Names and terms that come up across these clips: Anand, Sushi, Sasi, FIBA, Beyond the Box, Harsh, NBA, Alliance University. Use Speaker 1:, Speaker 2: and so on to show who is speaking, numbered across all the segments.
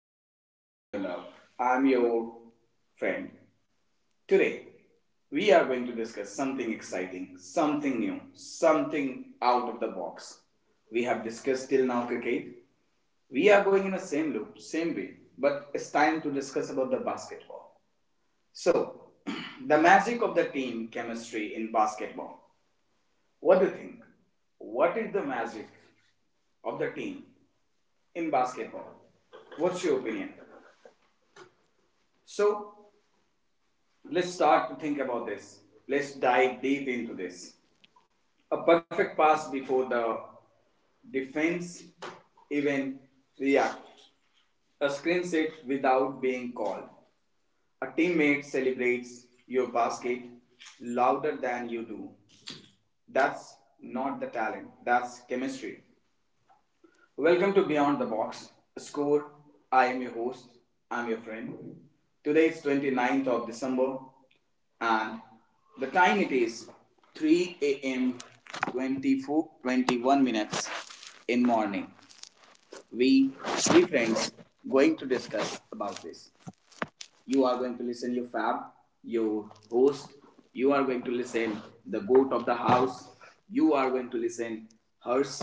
Speaker 1: your host, I'm your love, I'm your friend. Today, we are going to discuss something exciting, something new, something out of the box. We have discussed till now cricket. We are going in the same loop, same way, but it's time to discuss about the basketball. So, the magic of the team chemistry in basketball. What do you think? What is the magic of the team in basketball? What's your opinion? So let's start to think about this. Let's dive deep into this. A perfect pass before the defense even react. A screen set without being called. A teammate celebrates your basket louder than you do. That's not the talent, that's chemistry. Welcome to Beyond the Box. Score. I am your host. I'm your friend. Today is 29 December and the time it is 3 a.m. 24:21 minutes in morning. We three friends going to discuss about this. You are going to listen your fab, your host. You are going to listen the goat of the house. You are going to listen hers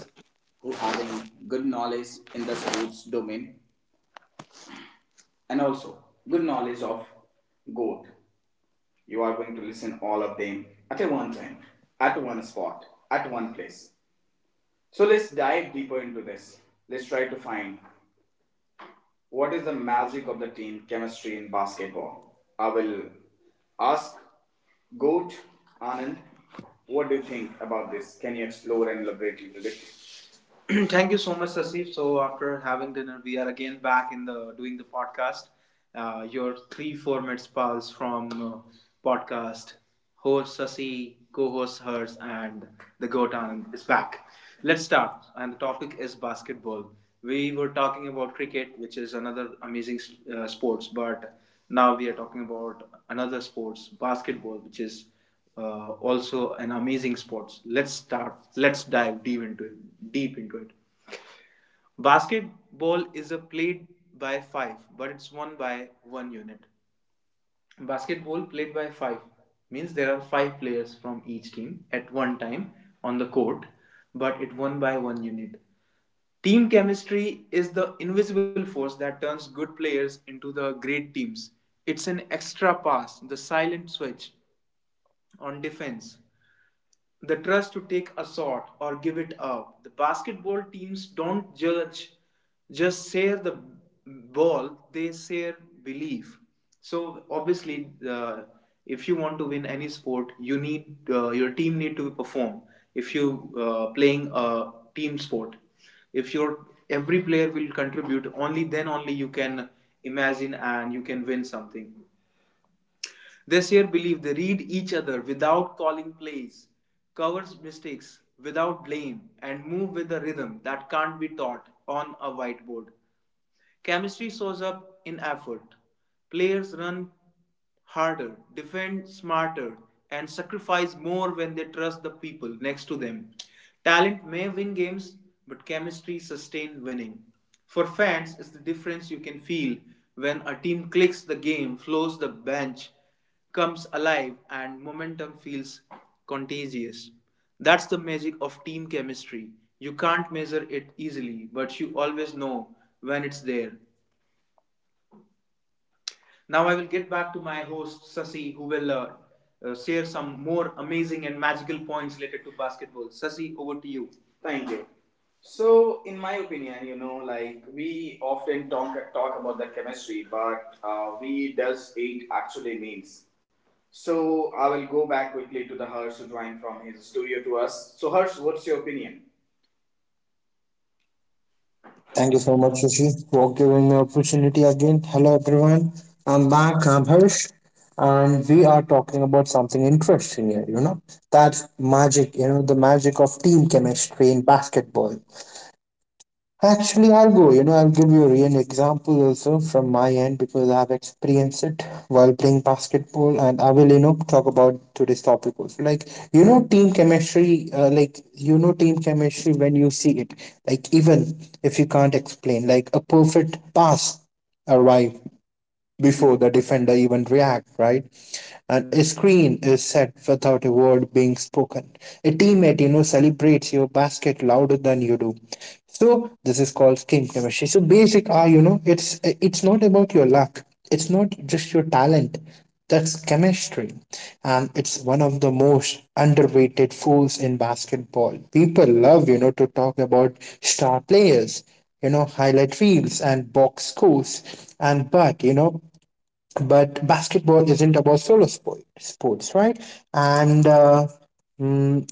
Speaker 1: who having good knowledge in the sports domain and also good knowledge of goat. You are going to listen all of them at a one time, at one spot, at one place. So let's dive deeper into this. Let's try to find what is the magic of the team chemistry in basketball. I will ask Goat Anand, what do you think about this? Can you explore and elaborate a little bit? Thank you so much, Sasif. So after having dinner, we are again back in the doing the podcast. Your three formats pals from podcast host Sasi, co-host hers, and the goat Anand is back. Let's start, and the topic is basketball. We were talking about cricket, which is another amazing sports, but now we are talking about another sports, basketball, which is also an amazing sports. Let's start. Let's dive deep into it. Deep into it. Basketball is a played by five, but it's won by one unit. Basketball played by five means there are five players from each team at one time on the court, but it won by one unit. Team chemistry is the invisible force that turns good players into the great teams. It's an extra pass, the silent switch on defense. The trust to take a shot or give it up. The basketball teams don't judge, just share the ball, they share belief. So obviously, if you want to win any sport, you need your team need to perform. If you playing a team sport, if your every player will contribute, only then only you can imagine and you can win something. This year, believe they read each other without calling plays, covers mistakes without blame, and move with a rhythm that can't be taught on a whiteboard. Chemistry shows up in effort. Players run harder, defend smarter, and sacrifice more when they trust the people next to them. Talent may win games, but chemistry sustains winning. For fans, it's the difference you can feel when a team clicks, the game flows, the bench comes alive and momentum feels contagious. That's the magic of team chemistry. You can't measure it easily, but you always know when it's there. Now I will get back to my host Sasi, who will share some more amazing and magical points related to basketball. Sasi, over to you. Thank you. So, in my opinion, you know, like we often talk about the chemistry, but we does it actually means? So, I will go back quickly to the Harsh drawing from his studio to us. So, Harsh, what's your opinion?
Speaker 2: Thank you so much, Sushi, for giving me opportunity again. Hello, everyone. I'm back. I'm Harsh, and we are talking about something interesting here. You know that magic. You know the magic of team chemistry in basketball. Actually, I'll go. You know, I'll give you a real example also from my end because I have experienced it while playing basketball, and I will, you know, talk about today's topic also. Like, you know, team chemistry. Like, you know, team chemistry when you see it. Like, even if you can't explain, like a perfect pass arrive before the defender even react, right, and a screen is set without a word being spoken, a teammate, you know, celebrates your basket louder than you do. So this is called skin chemistry. So basic are, you know, it's not about your luck. It's not just your talent. That's chemistry. And it's one of the most underrated force in basketball. People love, you know, to talk about star players, you know, highlight reels and box scores. And but, you know, but basketball isn't about solo sports, right. and uh, mm,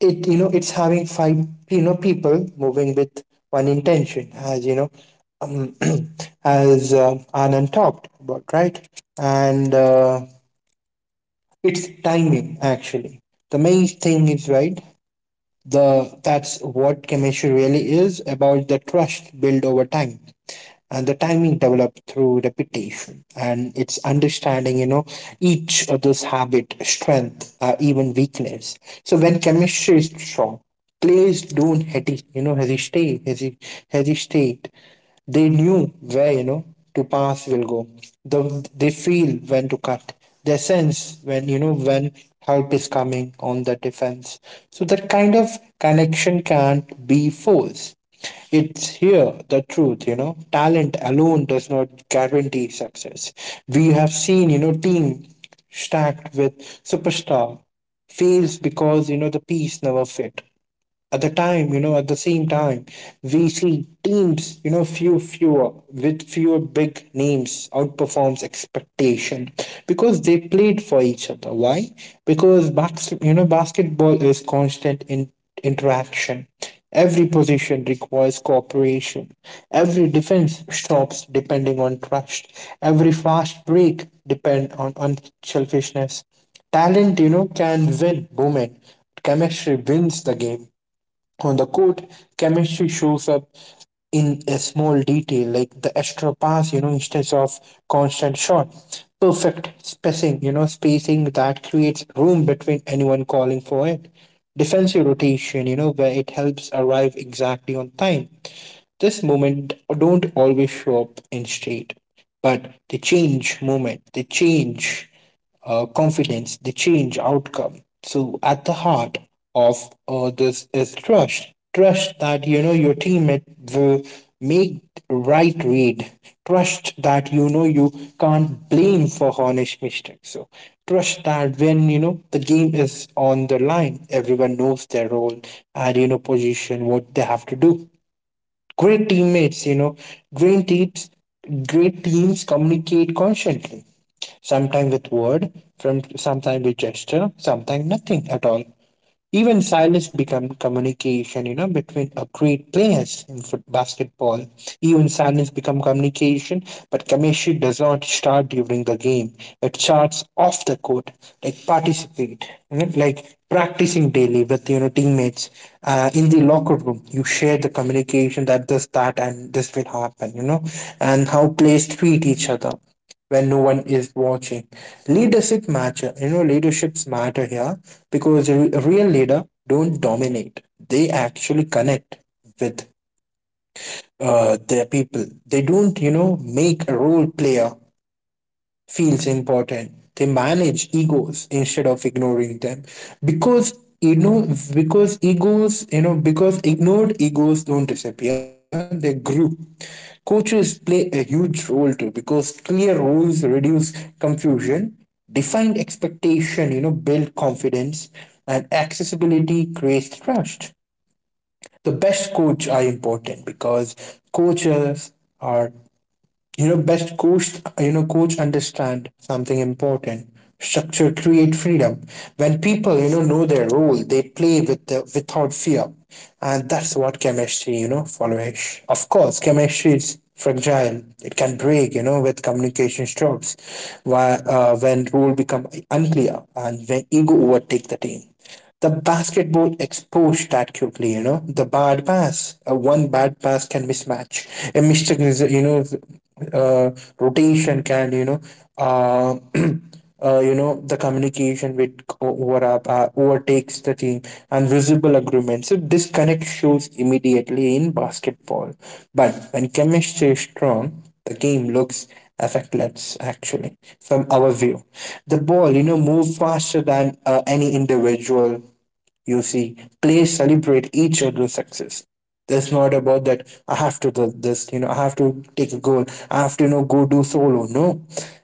Speaker 2: it, you know, it's having five, you know, people moving with one intention, as you know. Um, as Anand talked about, right. and it's timing actually. The main thing is, right, the that's what chemistry really is about: the trust built over time and the timing developed through repetition. And it's understanding, you know, each other's habit, strength, even weakness. So when chemistry is strong, players don't hesitate. They knew where, you know, to pass will go. They feel when to cut. They sense when, you know, when help is coming on the defense. So that kind of connection can't be forced. It's here the truth, you know. Talent alone does not guarantee success. We have seen, you know, team stacked with superstar fails because, you know, the piece never fit. At the time, you know, at the same time, we see teams, you know, fewer with fewer big names outperforms expectation because they played for each other. Why? Because you know, basketball is constant in interaction. Every position requires cooperation. Every defense stops depending on trust. Every fast break depend on unselfishness. Talent, you know, can win women. Chemistry wins the game. On the court, chemistry shows up in a small detail, like the extra pass, you know, instead of constant shot. Perfect spacing, you know, spacing that creates room between anyone calling for it. Defensive rotation, you know, where it helps arrive exactly on time. This moment don't always show up in state, but they change moment, they change confidence, they change outcome. So at the heart of this is trust. Trust that, you know, your teammate will make right read. Trust that, you know, you can't blame for honest mistakes. So trust that when, you know, the game is on the line, everyone knows their role and, you know, position what they have to do. Great teammates, you know, great teams great teams communicate constantly text. Sometimes with word, from sometimes with gesture, sometimes nothing at all. Even silence become communication, you know, between a great players in foot basketball. Even silence become communication, but commission does not start during the game. It starts off the court, like participate, you know, like practicing daily with, you know, teammates. In the locker room, you share the communication that this, that, and this will happen, you know, and how players treat each other when no one is watching. Leadership matter. You know, leaderships matter here because a real leader don't dominate. They actually connect with their people. They don't, you know, make a role player feels important. They manage egos instead of ignoring them because, you know, because ignored egos don't disappear, they grew. Coaches play a huge role too because clear rules reduce confusion. Defined expectation, you know, build confidence, and accessibility creates trust. The best coach are important because coaches are, you know, coach understand something important. Structure create freedom. When people, you know their role, they play with without fear. And that's what chemistry, you know, follows. Of course, chemistry is fragile. It can break, you know, with communication stops, why, when role become unclear and when ego overtake the team. The basketball exposed that quickly, you know. The bad pass, one bad pass can mismatch. A mistake is, you know, uh, rotation can, you know, uh, you know, the communication with over up, overtakes the team and visible agreement. So disconnect shows immediately in basketball. But when chemistry is strong, the game looks effect lets actually from our view. The ball, you know, moved faster than any individual you see. Plays celebrate each other's success. That's not about that I have to do this, you know. I have to take a goal, I have to, you know, go do solo. No,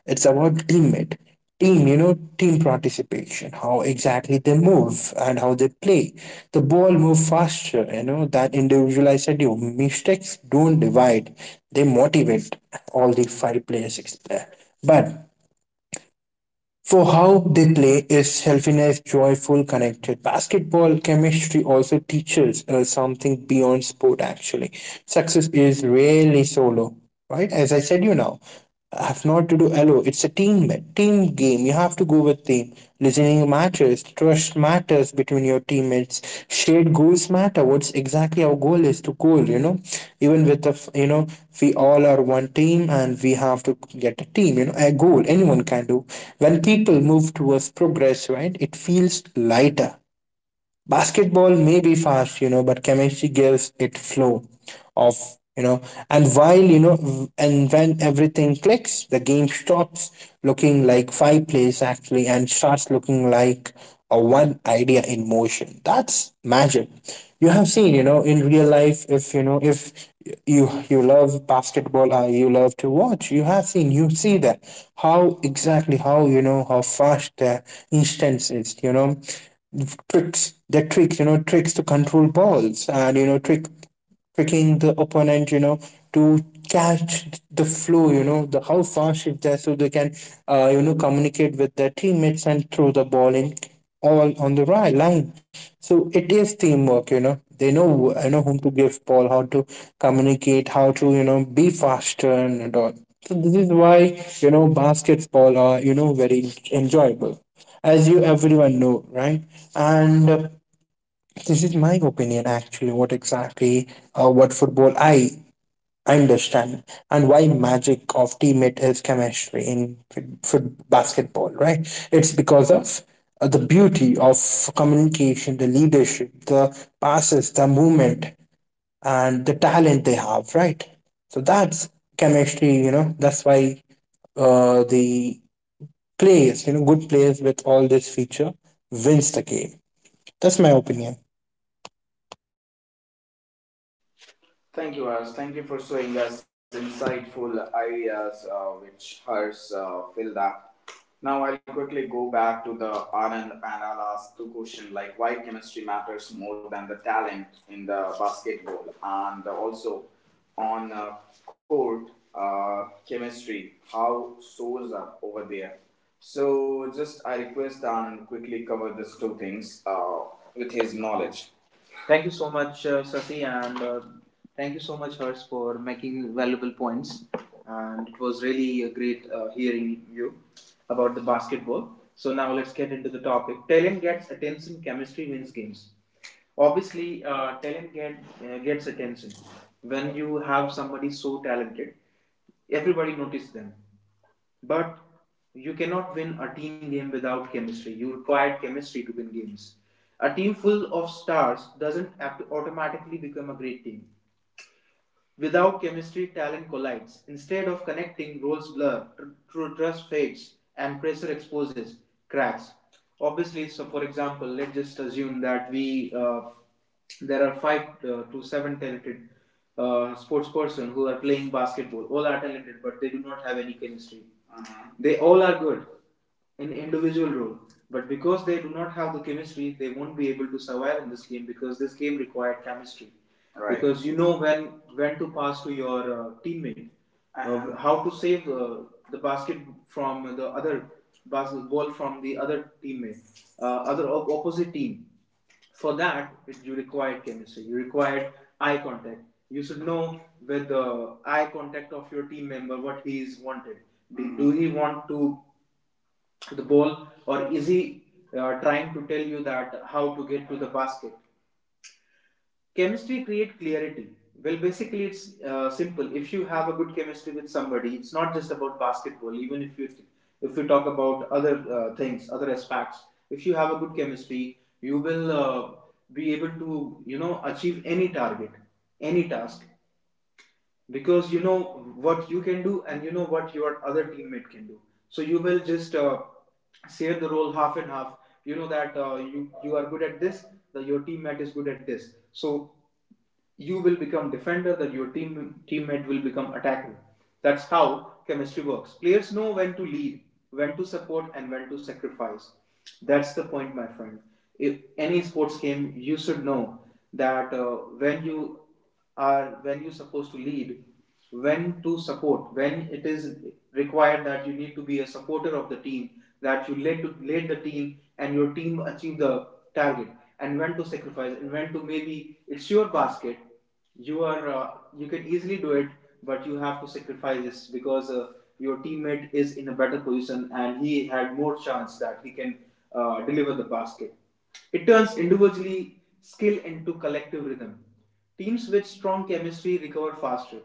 Speaker 2: it's about teammate, team, you know, team participation, how exactly they move and how they play. The ball move faster, you know, that individualized schedule. Mistakes don't divide, they motivate all the five players. But for how they play is selfless, joyful, connected. Basketball chemistry also teaches us something beyond sport actually. Success is rarely solo, right? As I said you now, I have not to do alone. It's a team game. You have to go with team. Listening timing matters, trust matters between your teammates, shared goals matter. What's exactly our goal is to goal, you know, even with the, you know, we all are one team and we have to get a team, you know, a goal anyone can do. When people move towards progress, right, it feels lighter. Basketball may be fast, you know, but chemistry gives it flow of, you know. And while, you know, and when everything clicks, the game stops looking like five plays actually and starts looking like a one idea in motion. That's magic. You have seen, you know, in real life, if you know, if you love basketball or you love to watch, you have seen, you see that how exactly, how, you know, how fast the instance is, you know, tricks, you know, tricks to control balls and, you know, tricking the opponent, you know, to catch the flow, you know, the how fast is there so they can you know, communicate with their teammates and throw the ball in all on the right line. So it is teamwork, you know, they know, you know, whom to give ball, how to communicate, how to, you know, be faster and all. So this is why, you know, basketball are, you know, very enjoyable as you everyone know, right? And this is my opinion actually. What exactly, what football I understand, and why magic of teammate is chemistry in foot basketball, right? It's because of the beauty of communication, the leadership, the passes, the movement, and the talent they have, right? So that's chemistry, you know. That's why the players, you know, good players with all this feature wins the game. That's my opinion.
Speaker 1: Thank you, Harsh. Thank you for showing us insightful ideas which Harsh filled up. Now I'll quickly go back to the Anand and I'll ask two questions like why chemistry matters more than the talent in the basketball and also on court chemistry how shows up over there. So just I request Anand quickly cover these two things with his knowledge. Thank you so much, Sati, and thank you so much, Hers, for making valuable points. And it was really a great hearing you about the basketball. So now let's get into the topic. Talent gets attention. Chemistry wins games. Obviously, talent gets attention. When you have somebody so talented, everybody notices them but you cannot win a team game without chemistry. You require chemistry to win games. A team full of stars doesn't automatically become a great team. Without chemistry, talent collides. Instead of connecting, roles blur, true trust fades, and pressure exposes cracks. Obviously, so for example, let's just assume that we there are five to seven talented sports person who are playing basketball. All are talented, but they do not have any chemistry. Uh-huh. They all are good in individual role, but because they do not have the chemistry, they won't be able to survive in this game because this game required chemistry. Right. Because you know when to pass to your teammate, how to save the basket from the other basketball from the other teammate, opposite team. For that, you require chemistry. You require eye contact. You should know with the eye contact of your team member what he is wanted. Do he want to the ball or is he trying to tell you that how to get to the basket? Chemistry create clarity. Well basically it's simple. If you have a good chemistry with somebody, it's not just about basketball. Even if you If you talk about other things, other aspects, if you have a good chemistry, you will be able to, you know, achieve any target, any task, because you know what you can do and you know what your other teammate can do. So you will just share the role half and half. You know that you are good at this, that your teammate is good at this. So you will become defender, that your teammate will become attacker. That's how chemistry works. Players know when to lead, when to support and when to sacrifice. That's the point, my friend. If any sports game, you should know that when you are when you're supposed to lead, when to support, when it is required that you need to be a supporter of the team, that you lead to lead the team and your team achieve the target, and when to sacrifice, and when to maybe it's your basket, you are you can easily do it, but you have to sacrifice this because your teammate is in a better position and he had more chance that he can deliver the basket. It turns individually skill into collective rhythm. Teams with strong chemistry recover faster.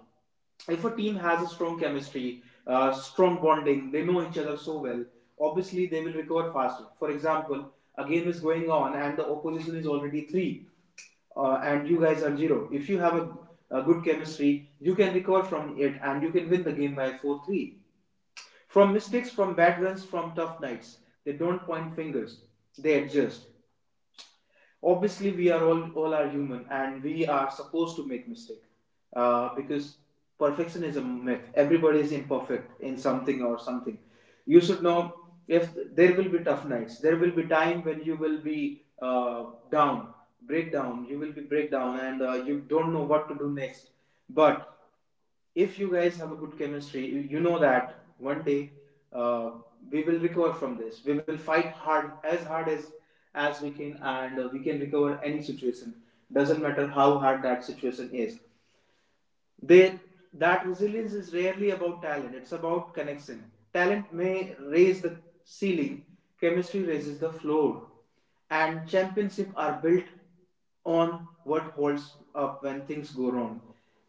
Speaker 1: If a team has a strong chemistry, strong bonding, they know each other so well, obviously they will recover faster. For example, a game is going on and the opposition is already 3 and you guys are 0. If you have a good chemistry, you can recover from it and you can win the game by 4-3, from mistakes, from bad runs, from tough nights. They don't point fingers, they adjust. Obviously, all are human and we are supposed to make mistake because perfection is a myth. Everybody is imperfect in something or something. You should know if there will be tough nights, there will be time when you will be down, breakdown, you will be breakdown and you don't know what to do next. But if you guys have a good chemistry, you know that one day uh, we will recover from this. We will fight hard, as we can, and we can recover any situation. Doesn't matter how hard that situation is, they that resilience is rarely about talent, it's about connection. Talent may raise the ceiling, chemistry raises the floor, and championships are built on what holds up when things go wrong.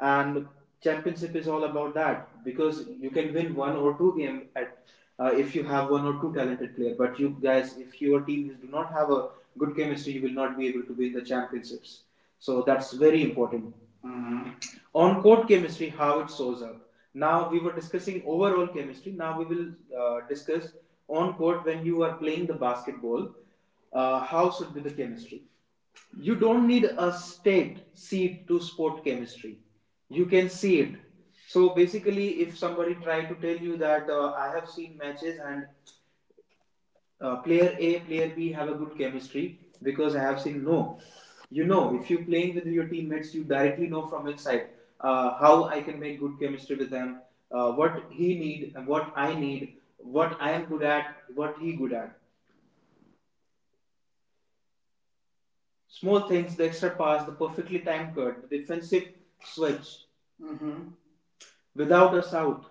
Speaker 1: And championship is all about that, because you can win one or two game at, if you have one or two talented player, but you guys, if your teams do not have a good chemistry, you will not be able to win the championships. So that's very important. Mhm. On court chemistry, how it shows up. Now we were discussing overall chemistry, now we will discuss on court, when you are playing the basketball, how should be the chemistry. You don't need a state seed to sport chemistry, you can see it. So basically, if somebody try to tell you that I have seen matches, and player A, player B have a good chemistry because I have seen, no. You know, if you're playing with your teammates, you directly know from inside, how I can make good chemistry with them, what he need, what I am good at, what he good at. Small things: the extra pass, the perfectly timed cut, the defensive switch. Mm-hmm. without a out.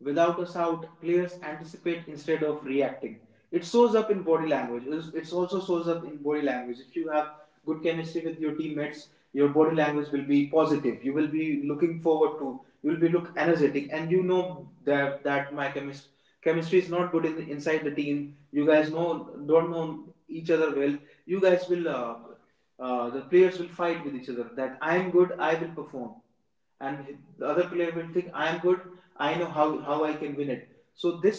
Speaker 1: Without a shout, players anticipate instead of reacting. It shows up in body language. It also shows up in body language. If you have good chemistry with your teammates, your body language will be positive, you will be looking forward to, you will be look energetic. And you know that my chemistry is not good inside the team, you guys know don't know each other well. You guys will The players will fight with each other, that I am good, I will perform. And the other player will think I am good, I know how I can win it. So this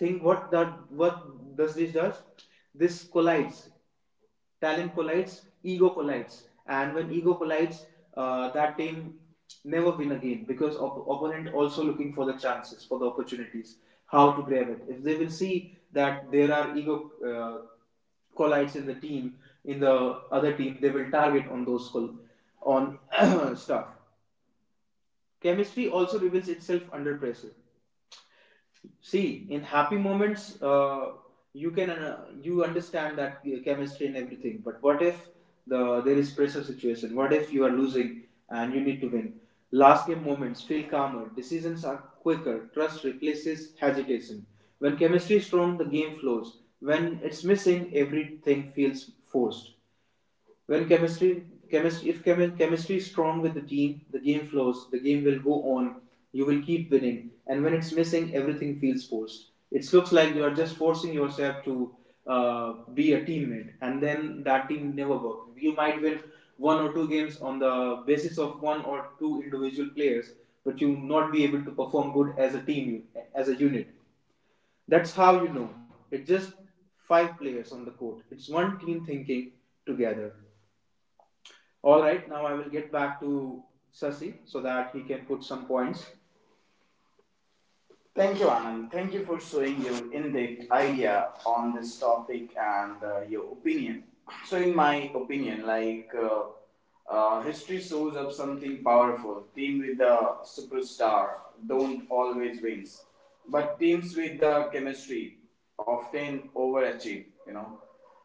Speaker 1: thing, what does? This collides. Talent collides, ego collides, and when ego collides, that team never win again, because opponent also looking for the chances, for the opportunities, how to grab it. If they will see that there are ego collides in the team, in the other team, they will target on those, on stuff. Chemistry also reveals itself under pressure. See, in happy moments, you can you understand that chemistry and everything, but what if there is pressure situation, what if you are losing and you need to win. Last game moments feel calmer, decisions are quicker, trust replaces hesitation. When chemistry is strong, the game flows. When it's missing, everything feels forced. When chemistry, chemistry, if chemi- chemistry is strong with the team, the game flows, the game will go on. You will keep winning, and when it's missing, everything feels forced. It looks like you are just forcing yourself to be a teammate, and then that team never works. You might win one or two games on the basis of one or two individual players, but you will not be able to perform good as a team, as a unit. That's how you know. It's just five players on the court. It's one team thinking together. All right, now I will get back to Sasi so that he can put some points. Thank you, Anand. Thank you for showing your in-depth idea on this topic and your opinion. So, in my opinion, like history shows up something powerful. Team with the superstar don't always wins, but teams with the chemistry often overachieve. You know,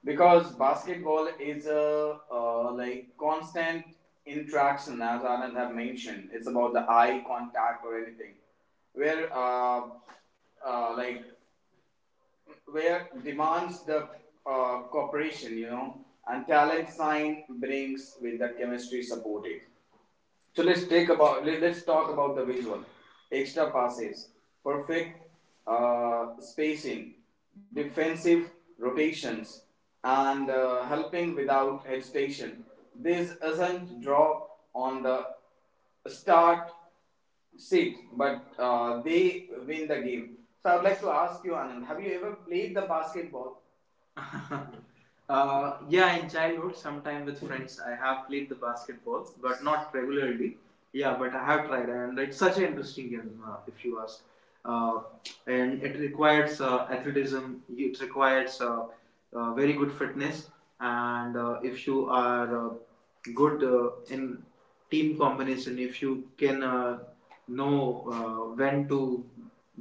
Speaker 1: because basketball is a like constant interaction, as Anand have mentioned. It's about the eye contact or anything where like where demands the cooperation, you know, and talent sign brings with the chemistry supported. So let us talk about the visual, extra passes, perfect spacing, defensive rotations, and helping without hesitation. This does not draw on the start six, but they win the game. So I would like to ask you, Anand, have you ever played the basketball? Yeah, in childhood, sometime with friends, I have played the basketball, but not regularly. Yeah, but I have tried, and it's such an interesting game, if you ask. Uh, and it requires athleticism, it requires very good fitness, and if you are good in team combination, if you can know when to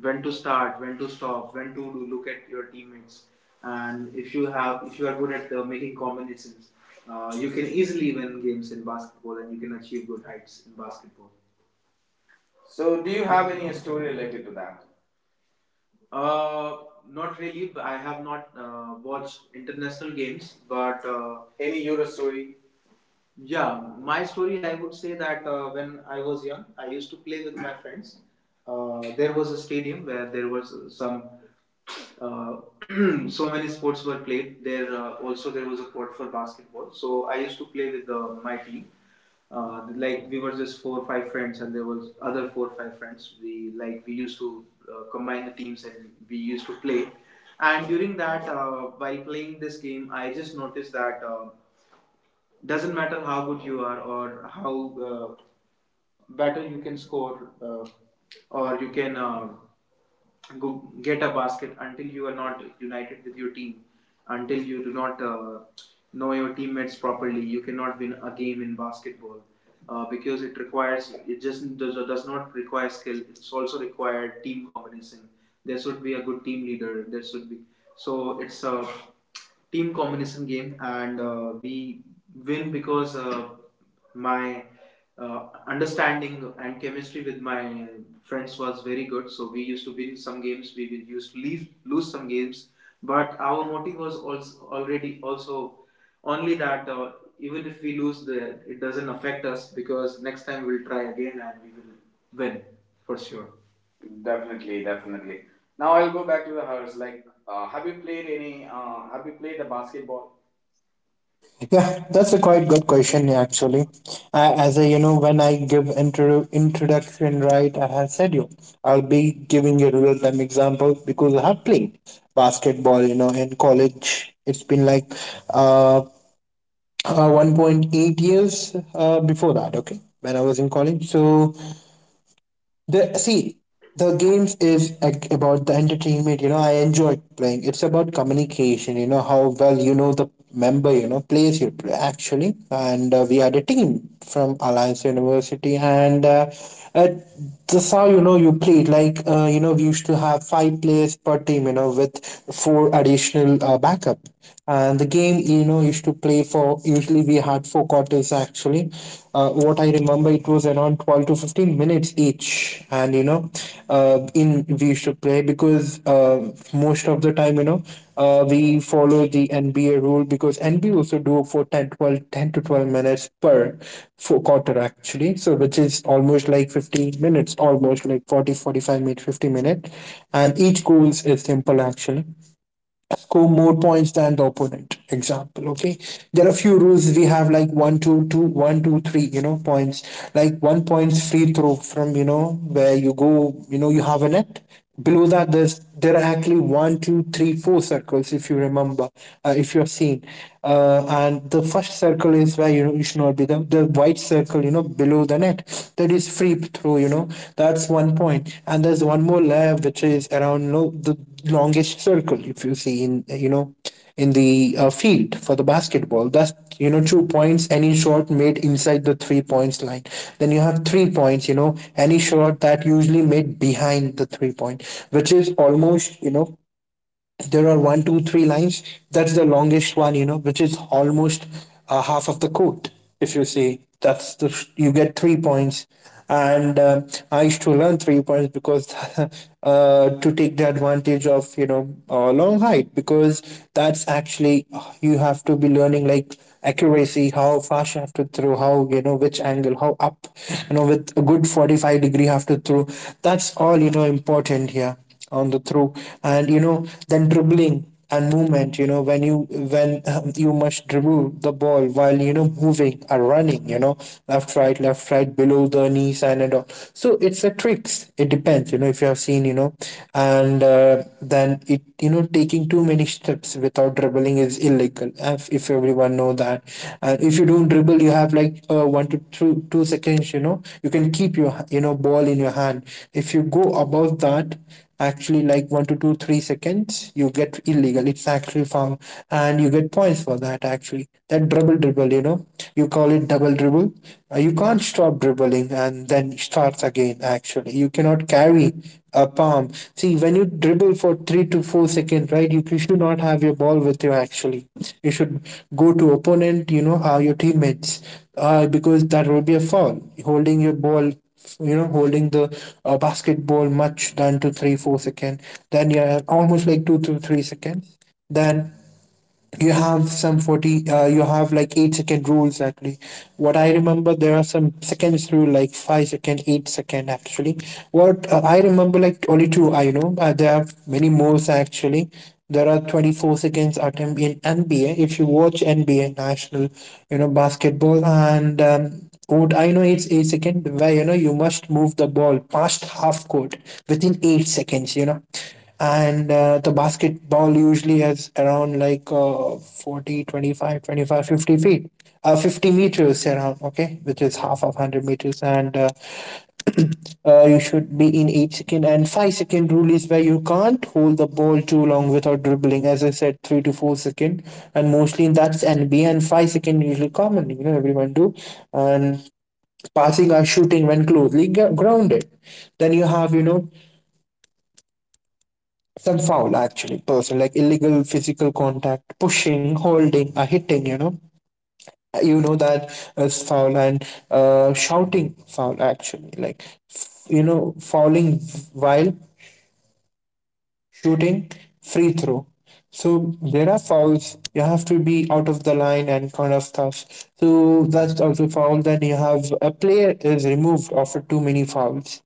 Speaker 1: when to start, when to stop, when to look at your teammates, and if you are good at making combinations, you can easily win games in basketball, and you can achieve good heights in basketball. So, do you have any story related to that? Uh, Not really. But I have not watched international games, but any Euro story? Yeah, my story, I would say that when I was young, I used to play with my friends. There was a stadium where there was some, uh, so many sports were played. There, also there was a court for basketball. So I used to play with my team. Like we were just four or five friends, and there was other four or five friends. We used to combine the teams, and we used to play. And during that, while playing this game, I just noticed that. Doesn't matter how good you are, or how uh, better you can score, or you can go get a basket, until you are not united with your team, until you do not know your teammates properly, you cannot win a game in basketball, because it just does not require skill, it's also required team combination. There should be a good team leader, there should be so it's a team combination game. And we win because my understanding and chemistry with my friends was very good. So we used to win some games, we used to lose some games. But our motive was also only that, even if we lose, it doesn't affect us because next time we'll try again and we will win for sure. Definitely, definitely. Now I'll go back to the hers. Like, have you played any? Have you played the basketball?
Speaker 2: Yeah, that's a quite good question, yeah, actually. I, as a, you know, when I give introduction, right, I have said you, I'll be giving a real time example because I have played basketball. You know, in college, it's been like uh, 1.8 years before that. Okay, when I was in college, so The see, the games is like about the entertainment. You know, I enjoy playing. It's about communication. You know how well you know the member. You know plays you play actually, and we are a team from Alliance University, and uh, that's how, you know, you played. Like, you know, we used to have five players per team. You know, with four additional backup, and the game, you know, used to play for. Usually, we had four quarters actually. What I remember, it was around 12 to 15 minutes each. And you know, in we used to play because most of the time, you know, we follow the NBA rule because NBA also do for 10 to 12 minutes per four quarter actually. So, which is almost like 15 minutes, almost like forty forty five 45 minutes, 50 minutes. And each goals is simple, actually score more points than the opponent. Example, okay, there are a few rules we have like one two two one two three, points. Like 1 point free throw from, where you go. You know you have a net. Below that there's there are actually one two three four circles if you remember. If you're seen, and the first circle is where, you should not be the white circle, below the net, that is free throw, that's 1 point. And there's one more layer which is around, the longest circle if you see in, in the field for the basketball. That's 2 points any shot made inside the 3 points line. Then you have 3 points, any shot that usually made behind the 3 point, which is almost, there are one, two, three lines. That's the longest one, which is almost half of the quote. If you say that's the, you get 3 points. And I used to learn 3 points because to take the advantage of, long height. Because that's actually, you have to be learning like accuracy, how fast you have to throw, how, which angle, how up, with a good 45 degree you have to throw. That's all, important here on the throw. And, then dribbling and movement, when you must dribble the ball while, moving or running, left right below the knees, and all. So it's a tricks, it depends, if you have seen, and then it, taking too many steps without dribbling is illegal, if everyone know that. And if you don't dribble you have like one to two two seconds, you can keep your, ball in your hand. If you go above that, actually like one to two three seconds you get illegal, it's actually foul. And you get points for that, actually that double dribble, you call it double dribble. You can't stop dribbling and then starts again, actually you cannot carry a palm. See, when you dribble for 3 to 4 seconds, right, you should not have your ball with you actually. You should go to opponent, your teammates, because that will be a foul, holding your ball, holding the basketball much than to three four second. Then yeah, almost like 2 to 3 seconds. Then you have some 40, you have like 8-second rules actually. What I remember, there are some seconds rule like 5 second, 8-second actually. What I remember, like only two I know, there are many more actually. There are 24 seconds attempt in NBA if you watch NBA national, basketball. And what I know, it's 8-second where, you must move the ball past half court within 8 seconds, and the basketball usually has around like 40 25 25 50 feet, 50 meters around, okay, which is half of 100 meters. And you should be in 8 second. And 5-second rule is where you can't hold the ball too long without dribbling, as I said, 3 to 4 second. And mostly that's NBA. And 5-second usually common, everyone do. And passing or shooting when closely grounded. Then you have, some foul actually, person like illegal physical contact, pushing holding or hitting, that is foul. And shouting foul actually, like fouling while shooting free throw. So there are fouls, you have to be out of the line and kind of stuff, so that's also foul. Then you have a player is removed after too many fouls,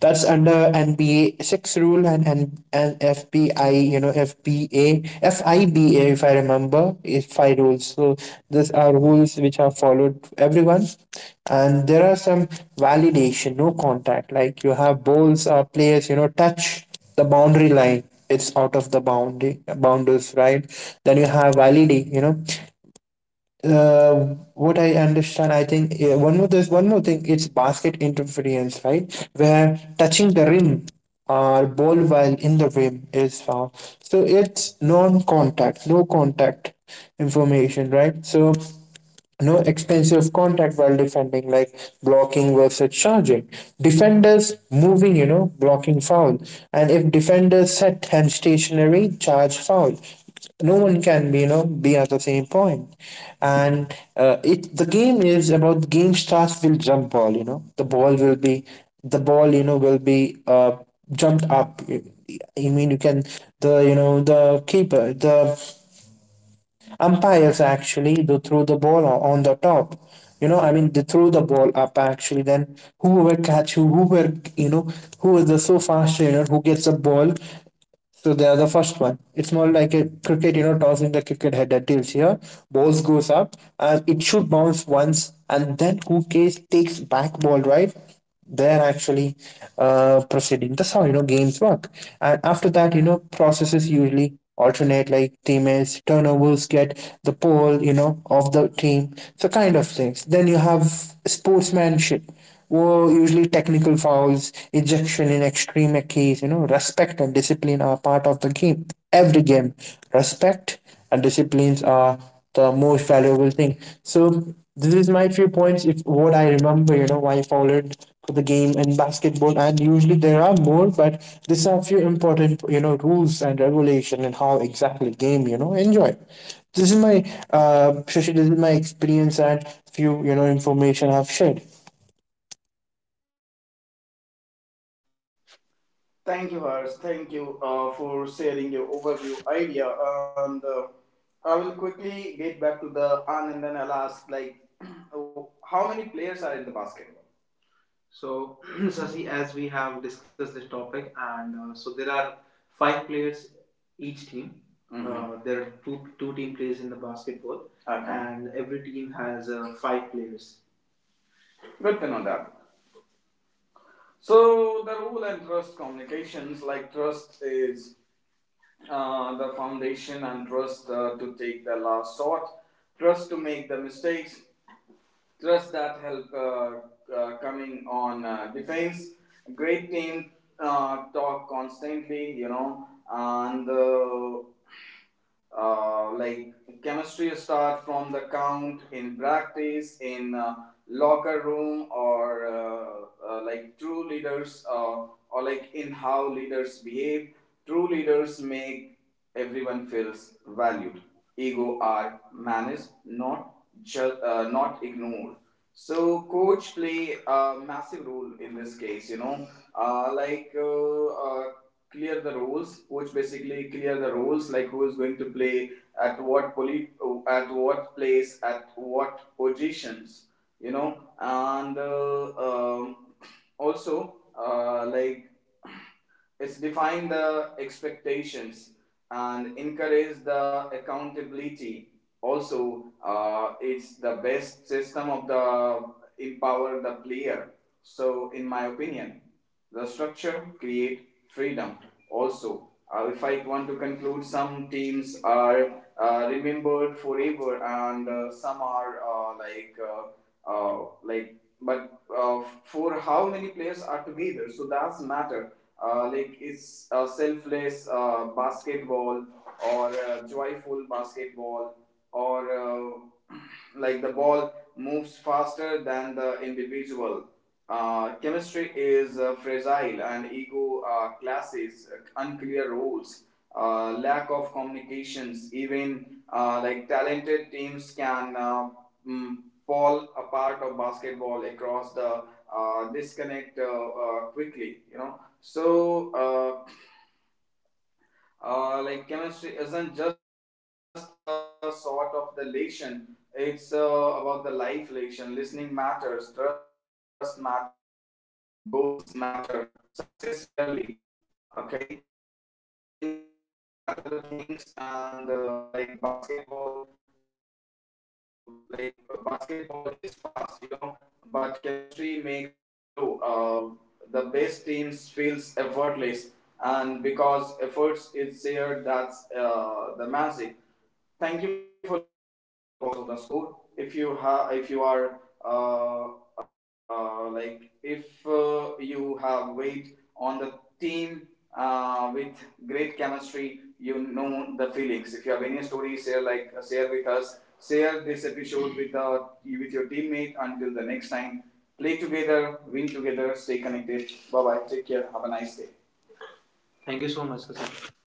Speaker 2: that's under NBA six rule. And FBI, FBA, FIBA, if I remember, is five rules. So these are rules which are followed everyone. And there are some validation, no contact. Like you have balls or players, touch the boundary line, it's out of the boundary boundaries, right. Then you have validity, uh, what I understand, I think, yeah, one more, there's one more thing. It's basket interference, right? Where touching the rim or ball while in the rim is foul. So it's non-contact, no contact information, right? So no expensive contact while defending, like blocking versus charging. Defenders moving, blocking foul. And if defenders set and stationary, charge foul. No one can be, be at the same point. And it the game is about, game starts with jump ball, The ball will be, the ball, will be jumped up. I mean, you can, the, the keeper, the umpires actually they threw the ball on the top, I mean they threw the ball up actually, then whoever catch, who whoever, who is the so fast trainer who gets a ball, so they are the first one. It's more like a cricket, tossing the cricket head that tilts here. Balls goes up and it should bounce once and then who takes back ball, right? They're actually proceeding. That's how, games work. And after that, processes usually alternate like teammates, turnovers get the pole, of the team. So kind of things. Then you have sportsmanship were usually technical fouls, ejection in extreme case. Respect and discipline are part of the game. Every game, respect and disciplines are the most valuable thing. So this is my few points. If what I remember, why I followed for the game in basketball, and usually there are more, but these are few important, rules and regulation, and how exactly game, enjoy. This is my Shashi, this is my experience and few, information I've shared.
Speaker 1: Thank you, Harsh. Thank you for sharing your overview idea. And I will quickly get back to the Anand, and then I'll ask, like, oh, how many players are in the basketball? So, Sasi, as we have discussed this topic, and so there are five players each team. Mhm. There are two team plays in the basketball, okay, and every team has five players. Good to know that. So the rule and trust communications, like trust is the foundation, and trust to take the last shot, trust to make the mistakes, trust that help coming on defense. Great team talk constantly, you know, and like chemistry start from the count in practice, in locker room, or like true leaders or like in how leaders behave. True leaders make everyone feels valued, ego are managed, not not ignored. So coach play a massive role in this case, you know. Like, clear the roles, like who is going to play at what poly at what place, at what positions, you know. And also, like, it's define the expectations and encourage the accountability. Also, it's the best system of the empower the player. So, in my opinion, the structure create freedom. Also, if I want to conclude, some teams are remembered forever, and some are like but for how many players are together, so that's matter. Like, it's selfless basketball, or joyful basketball, or like the ball moves faster than the individual. Chemistry is fragile, and ego clashes, unclear rules, lack of communications. Even like talented teams can mm, fall apart of basketball across the disconnect quickly. You know. So, uh, like chemistry isn't just a sort of the relation. It's about the life relation. Listening matters, trust matters, shared goals matter. Success rarely. Okay, so in my opinion, that are the things, and like basketball, uh, uh, basketball is fast, you know, but chemistry makes it flow. The best teams feels effortless, and because efforts is there, that's the magic. Thank you for listening us beyond the box of the score. If you have, if you are, uh, like if you have weight on the team with great chemistry, you know the feelings. If you have any story, share, share with us. Share this episode with the with your teammate. Until the next time, play together, win together, stay connected. Bye bye. Take care. Have a nice day. Thank you so much, Sachin.